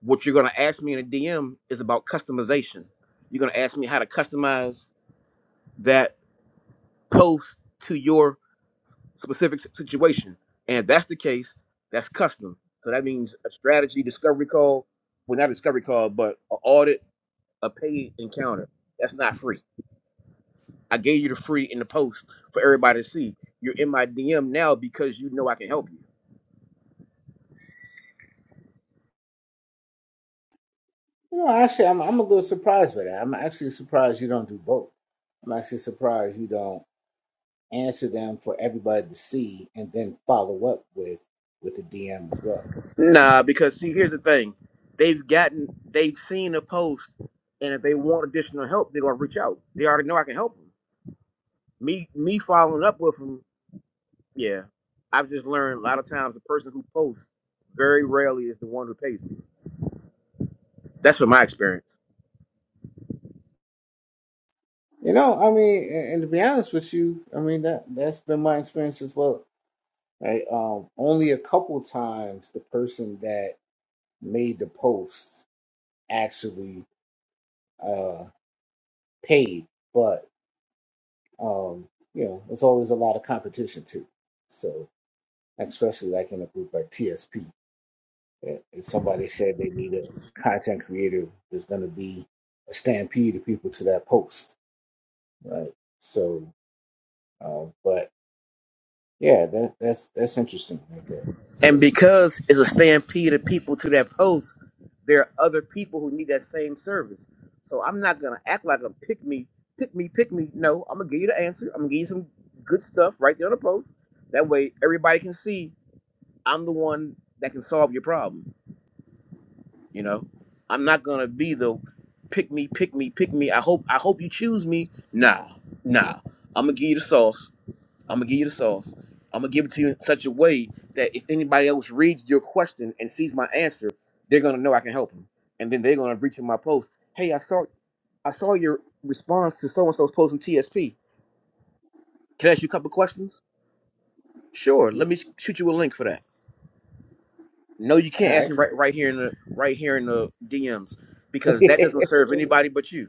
Speaker 5: what you're going to ask me in a DM is about customization. You're going to ask me how to customize that posed to your specific situation. And if that's the case, that's custom. So that means a strategy discovery call, well, not a discovery call, but an audit, a paid encounter. That's not free. I gave you the free in the post for everybody to see. You're in my DM now because you know I can help you.
Speaker 1: No, actually, I'm I'm a little surprised by that. I'm actually surprised you don't do both. I'm actually surprised you don't answer them for everybody to see and then follow up with with a DM as well.
Speaker 5: Nah, because see, here's the thing. They've gotten, they've seen a post, and if they want additional help, they're gonna reach out. They already know I can help them. Me, me following up with them Yeah. I've just learned a lot of times the person who posts very rarely is the one who pays me. That's from my experience.
Speaker 1: You know, I mean, and, and to be honest with you, I mean that that's been my experience as well. Right? Um, only a couple times the person that made the post actually uh, paid, but um, you know, there's always a lot of competition too. So especially like in a group like TSP, eh, if somebody said they need a content creator, there's going to be a stampede of people to that post, right? So, um, but yeah, that, that's that's interesting right there.
Speaker 5: And
Speaker 1: So,
Speaker 5: because it's a stampede of people to that post, there are other people who need that same service. So I'm not gonna act like a pick me, pick me, pick me. No, I'm gonna give you the answer. I'm gonna give you some good stuff right there on the post. That way everybody can see I'm the one that can solve your problem. You know, I'm not gonna be the pick me, pick me, pick me. I hope, I hope you choose me. Nah, nah. I'm gonna give you the sauce. I'm gonna give you the sauce. I'm gonna give it to you in such a way that if anybody else reads your question and sees my answer, they're gonna know I can help them, and then they're gonna reach in my post. Hey, I saw, I saw your response to so and so's post in TSP. Can I ask you a couple questions? Sure.
Speaker 1: yeah,
Speaker 5: Let me sh- shoot you a link for that. No, you
Speaker 1: all
Speaker 5: can't ask
Speaker 1: right.
Speaker 5: me right right here in the right here in the DMs because that doesn't serve anybody but you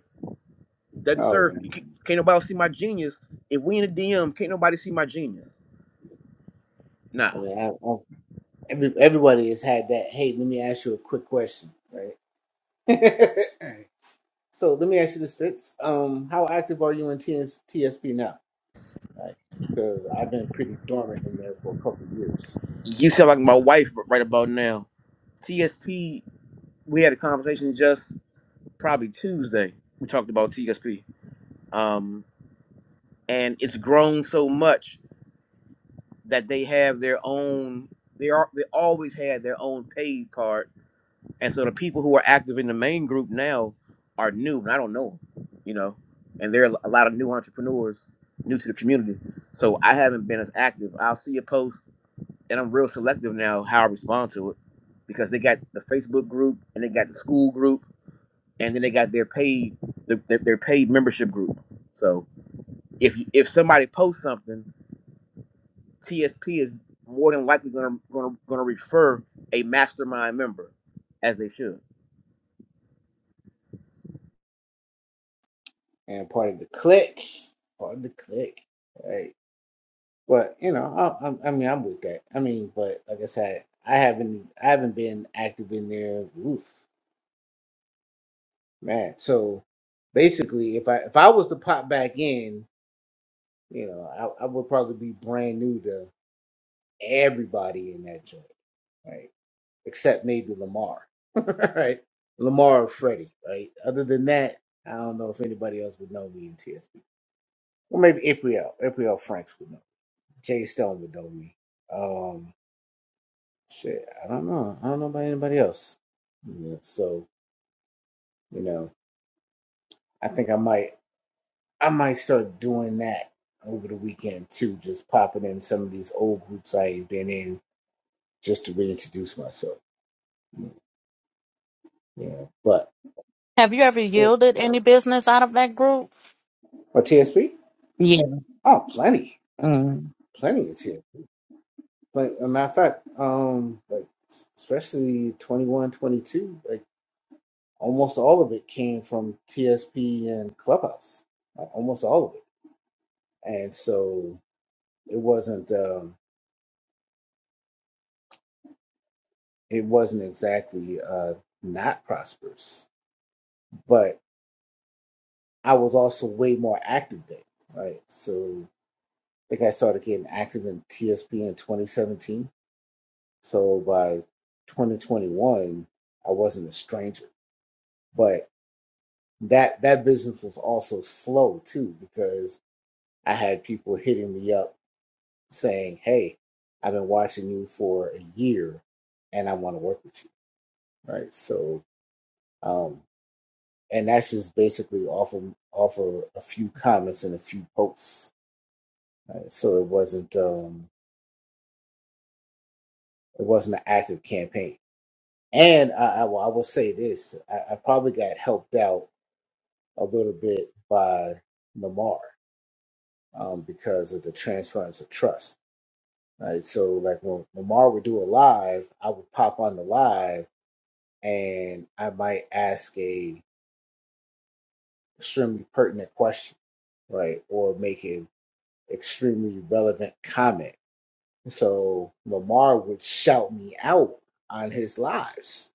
Speaker 5: Doesn't
Speaker 1: oh
Speaker 5: serve me.
Speaker 1: man,
Speaker 5: Can't nobody see my genius. If we in the DM, can't nobody see my genius.
Speaker 1: I
Speaker 5: Nah.
Speaker 1: mean, I, I, every, everybody has had that. Hey, let me ask you a quick question, right? So let me ask you this, Fitz. Um, how active are you in TS- TSP now? Right? Because I've been pretty dormant in there for a couple of years,
Speaker 5: You sound like my wife right about now. TSP, we had a conversation just probably Tuesday. We talked about TSP. Um, and it's grown so much that they have their own they are they always had their own paid card And so the people who are active in the main group now are new, and I don't know them, you know. And there are a lot of new entrepreneurs, new to the community. So I haven't been as active. I'll see a post, and I'm real selective now how I respond to it, because they got the Facebook group, and they got the school group, and then they got their paid their, their, their paid membership group. So if you, if somebody posts something, TSP is more than likely gonna gonna gonna refer a mastermind member, as they should.
Speaker 1: and part of the click, part of the click, right? But you know, I, I, I mean, I'm with that. I mean, but like I said, I haven't, I haven't been active in there. Oof, man. So basically, if I if I was to pop back in, you know, I, I would probably be brand new to everybody in that joint, right? except maybe Lamar, right? Lamar or Freddie, right? Other than that, I don't know if anybody else would know me in TSP. Well, maybe April, April Franks would know. Jay Stone would know me. Um, shit, I don't know. I don't know about anybody else. Yeah, so you know, I think I might, I might start doing that over the weekend too. Just popping in some of these old groups I've been in just to reintroduce myself. Yeah, but
Speaker 2: Have you ever
Speaker 1: or
Speaker 2: yielded any business out of that group?
Speaker 1: TSP.
Speaker 2: Yeah.
Speaker 1: Oh, plenty,
Speaker 2: Mm.
Speaker 1: plenty of TSP Like a matter of fact, um, like especially 21, 22, like almost all of it came from TSP and Clubhouse. Like almost all of it. And so it wasn't um it wasn't exactly uh not prosperous, but I was also way more active then, right? So I think I started getting active in TSP in 2017. So by 2021, I wasn't a stranger. But that that business was also slow too because I had people hitting me up saying, "Hey, I've been watching you for a year, and I want to work with you." Right. So, um, and that's just basically off of off of a few comments and a few posts. Right? So it wasn't um, it wasn't an active campaign. And I, I, will- I will say this: I, I probably got helped out a little bit by Lamar um, because of the transference of trust Right. So like when Lamar would do a live, I would pop on the live and I might ask a extremely pertinent question, right? Or make an extremely relevant comment. So Lamar would shout me out on his lives.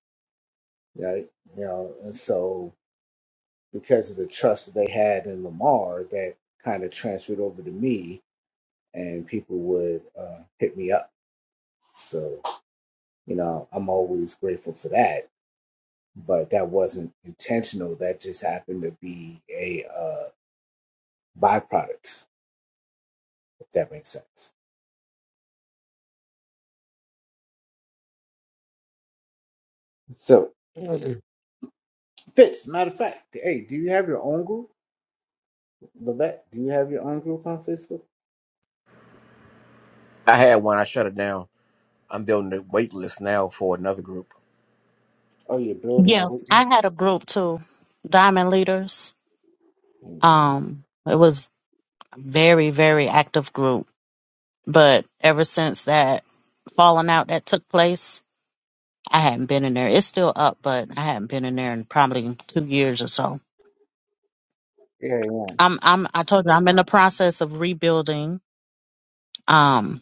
Speaker 1: Right. You know, and so because of the trust that they had in Lamar, that kind of transferred over to me and people would uh, hit me up. So, you know, I'm always grateful for that but that wasn't intentional. That just happened to be a uh, byproduct, if that makes sense. So, Mhm. Fitz, matter of fact, hey, do you have your own group, Levette? Do you have your own group on Facebook?
Speaker 5: I had one. I shut it down. I'm building a wait list now for another group.
Speaker 1: Oh, you're building a
Speaker 2: Yeah,
Speaker 1: Wiccan?
Speaker 2: I had a group too, Diamond Leaders.
Speaker 1: Mm.
Speaker 2: Um, it was a very, very active group. But ever since that falling out that took place, I hadn't been in there. It's still up, but I hadn't been in there in probably two years or so.
Speaker 1: Yeah,
Speaker 2: I'm I'm I told you I'm in the process of rebuilding. Um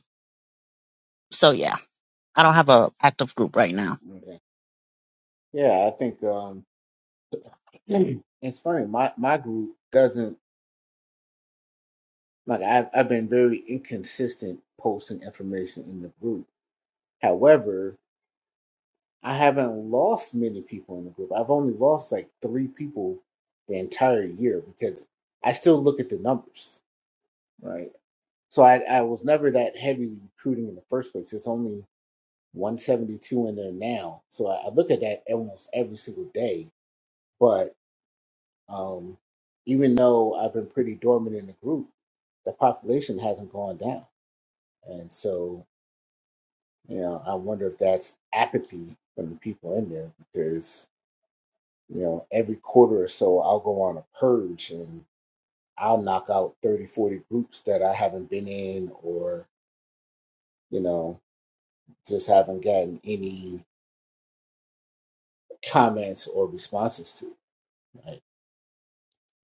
Speaker 2: so yeah, I don't have a active group right now.
Speaker 1: yeah, okay. yeah. I think um, it's funny. My my group doesn't like. I've I've been very inconsistent posting information in the group. However, I haven't lost many people in the group. I've only lost like three people the entire year because I still look at the numbers, right? So I, I was never that heavily recruiting in the first place. It's only 172 in there now. So I, I look at that almost every single day. But um, even though I've been pretty dormant in the group, the population hasn't gone down. And so, you know, I wonder if that's apathy from the people in there because you know every quarter or so i'll go on a purge and i'll knock out 30, 40 groups that i haven't been in or you know just haven't gotten any comments or responses to right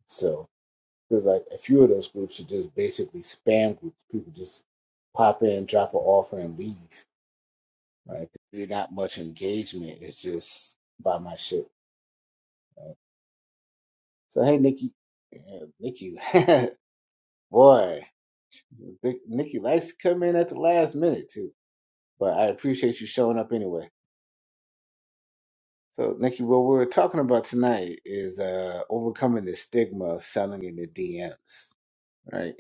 Speaker 1: so there's like a few of those groups are just basically spam groups people just pop in drop an offer and leave right there's not much engagement it's just buy my shit so hey nikki uh, nikki boy Vic- nikki likes to come in at the last minute too but I appreciate you showing up anyway. So, Nikki, what we are talking about tonight is uh, overcoming the stigma of selling in the DMs, right?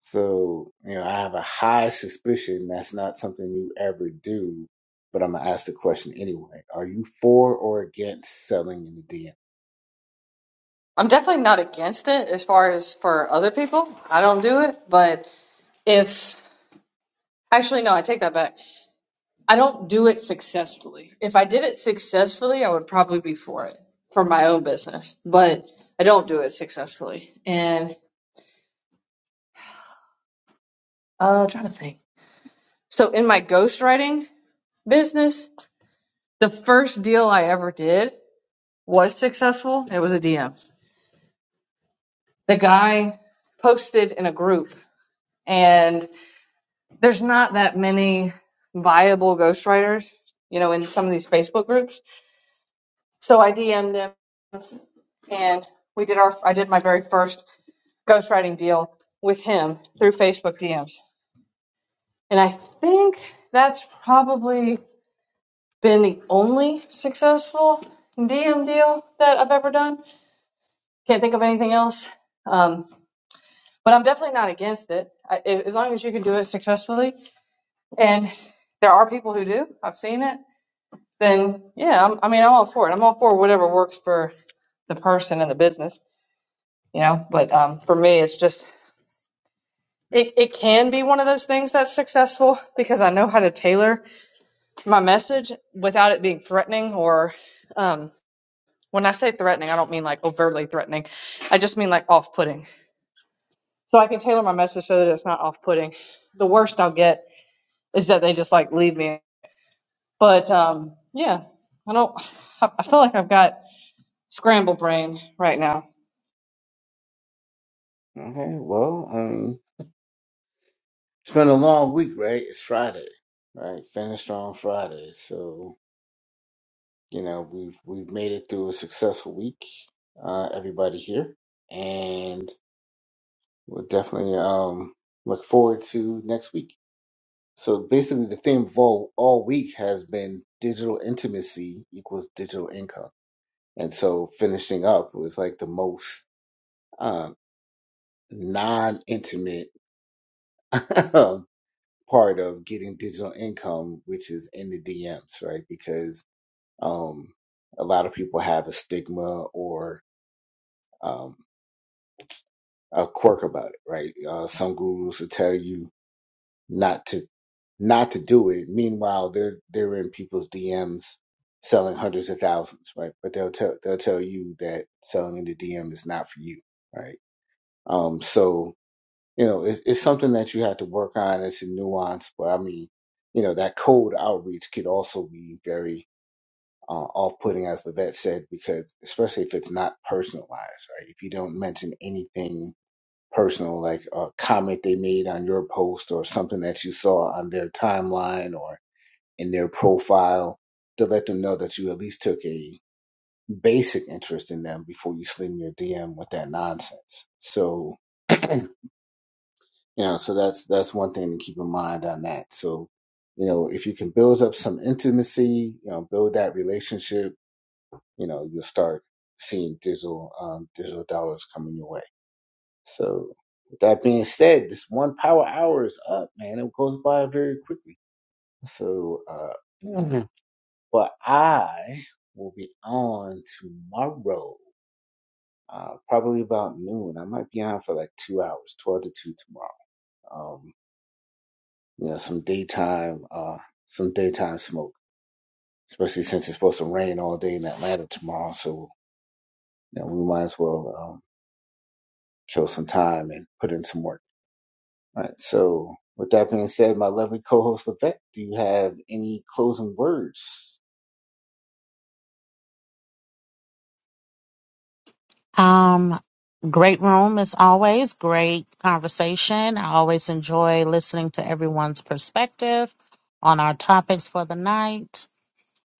Speaker 1: So, you know, I have a high suspicion that's not something you ever do, but I'm gonna ask the question anyway. Are you for or against selling in the DM?
Speaker 6: I'm definitely not against it as far as for other people. I don't do it, but if actually no, I take that back. I don't do it successfully. If I did it successfully, I would probably be for it for my own business, but I don't do it successfully. And uh, I'm trying to think. So in my ghostwriting business, the first deal I ever did was successful. It was a DM. The guy posted in a group, and there's not that many viable ghostwriters, you know, in some of these Facebook groups. So I DM'd him and we did our, I did my very first ghostwriting deal with him through Facebook DMs. And I think that's probably been the only successful DM deal that I've ever done. Can't think of anything else. Um, but I'm definitely not against it. I, as long as you can do it successfully. And there are people who do. I've seen it then yeah, I'm, I mean, I'm all for it. I'm all for whatever works for the person and the business, you know. But um, for me, it's just it, it can be one of those things that's successful because I know how to tailor my message without it being threatening or um, when I say threatening, I don't mean like overtly threatening. I just mean like off-putting. So I can tailor my message so that it's not off-putting. The worst I'll get is that they just like leave me. But um, yeah, I don't. I I feel like I've got scramble brain right now
Speaker 1: Okay, well, um, it's been a long week, right? It's Friday, right? Finished on Friday, so You know, we've we've made it through a successful week, uh, everybody here, and we'll definitely um, look forward to next week. So basically, the theme of all, all week has been digital intimacy equals digital income, and so finishing up was like the most uh, non-intimate part of getting digital income, which is in the DMs, right? Because um, a lot of people have a stigma or um, a quirk about it, right? Uh, some gurus will tell you not to not to do it. Meanwhile, they're they're in people's DMs selling hundreds of thousands, right? But they'll tell they'll tell you that selling in the DM is not for you, right? Um, so you know, it's, it's something that you have to work on. It's a nuance, but I mean, you know, that cold outreach could also be very uh, off-putting, as the vet said, because especially if it's not personalized, right? If you don't mention anything personal, like a comment they made on your post or something that you saw on their timeline or in their profile to let them know that you at least took a basic interest in them before you sling your DM with that nonsense. So, you know, so that's that's one thing to keep in mind on that. So, you know, if you can build up some intimacy, you know, build that relationship, you know, you'll start seeing digital um, digital dollars coming your way. So, with that being said, this one power hour is up, man. It goes by very quickly. So, uh, Mhm. but I will be on tomorrow, uh, probably about noon. I might be on for like two hours, 12 to 2 tomorrow. Um, you know, some daytime, uh, some daytime smoke, especially since it's supposed to rain all day in Atlanta tomorrow. So, you know, we might as well, um, kill some time and put in some work. All right. So, with that being said, my lovely co-host Levette, do you have any closing words?
Speaker 2: Um great room as always, great conversation. I always enjoy listening to everyone's perspective on our topics for the night.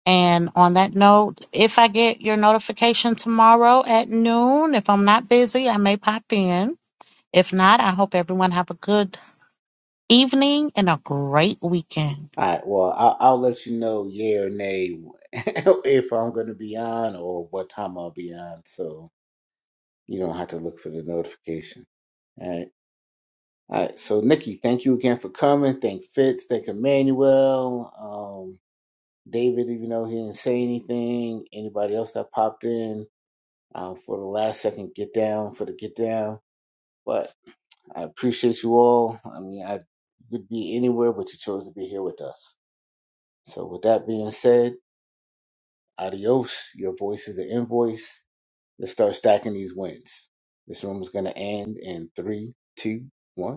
Speaker 2: And on that note, if I get your notification tomorrow at noon, if I'm not busy, I may pop in. If not, I hope everyone have a good evening and a great weekend.
Speaker 1: All right. Well, I'll, I'll let you know, yeah or nay, if I'm going to be on or what time I'll be on. So you don't have to look for the notification. All right. All right. So, Nikki, thank you again for coming. Thank Fitz. Thank Emmanuel. Um, David, even though he didn't say anything, anybody else that popped in uh, for the last second get down for the get down. but. I appreciate you all. I mean, I could be anywhere, but you chose to be here with us. So, with that being said, adios. Your voice is an invoice. Let's start stacking these wins. This room is going to end in three, two, one.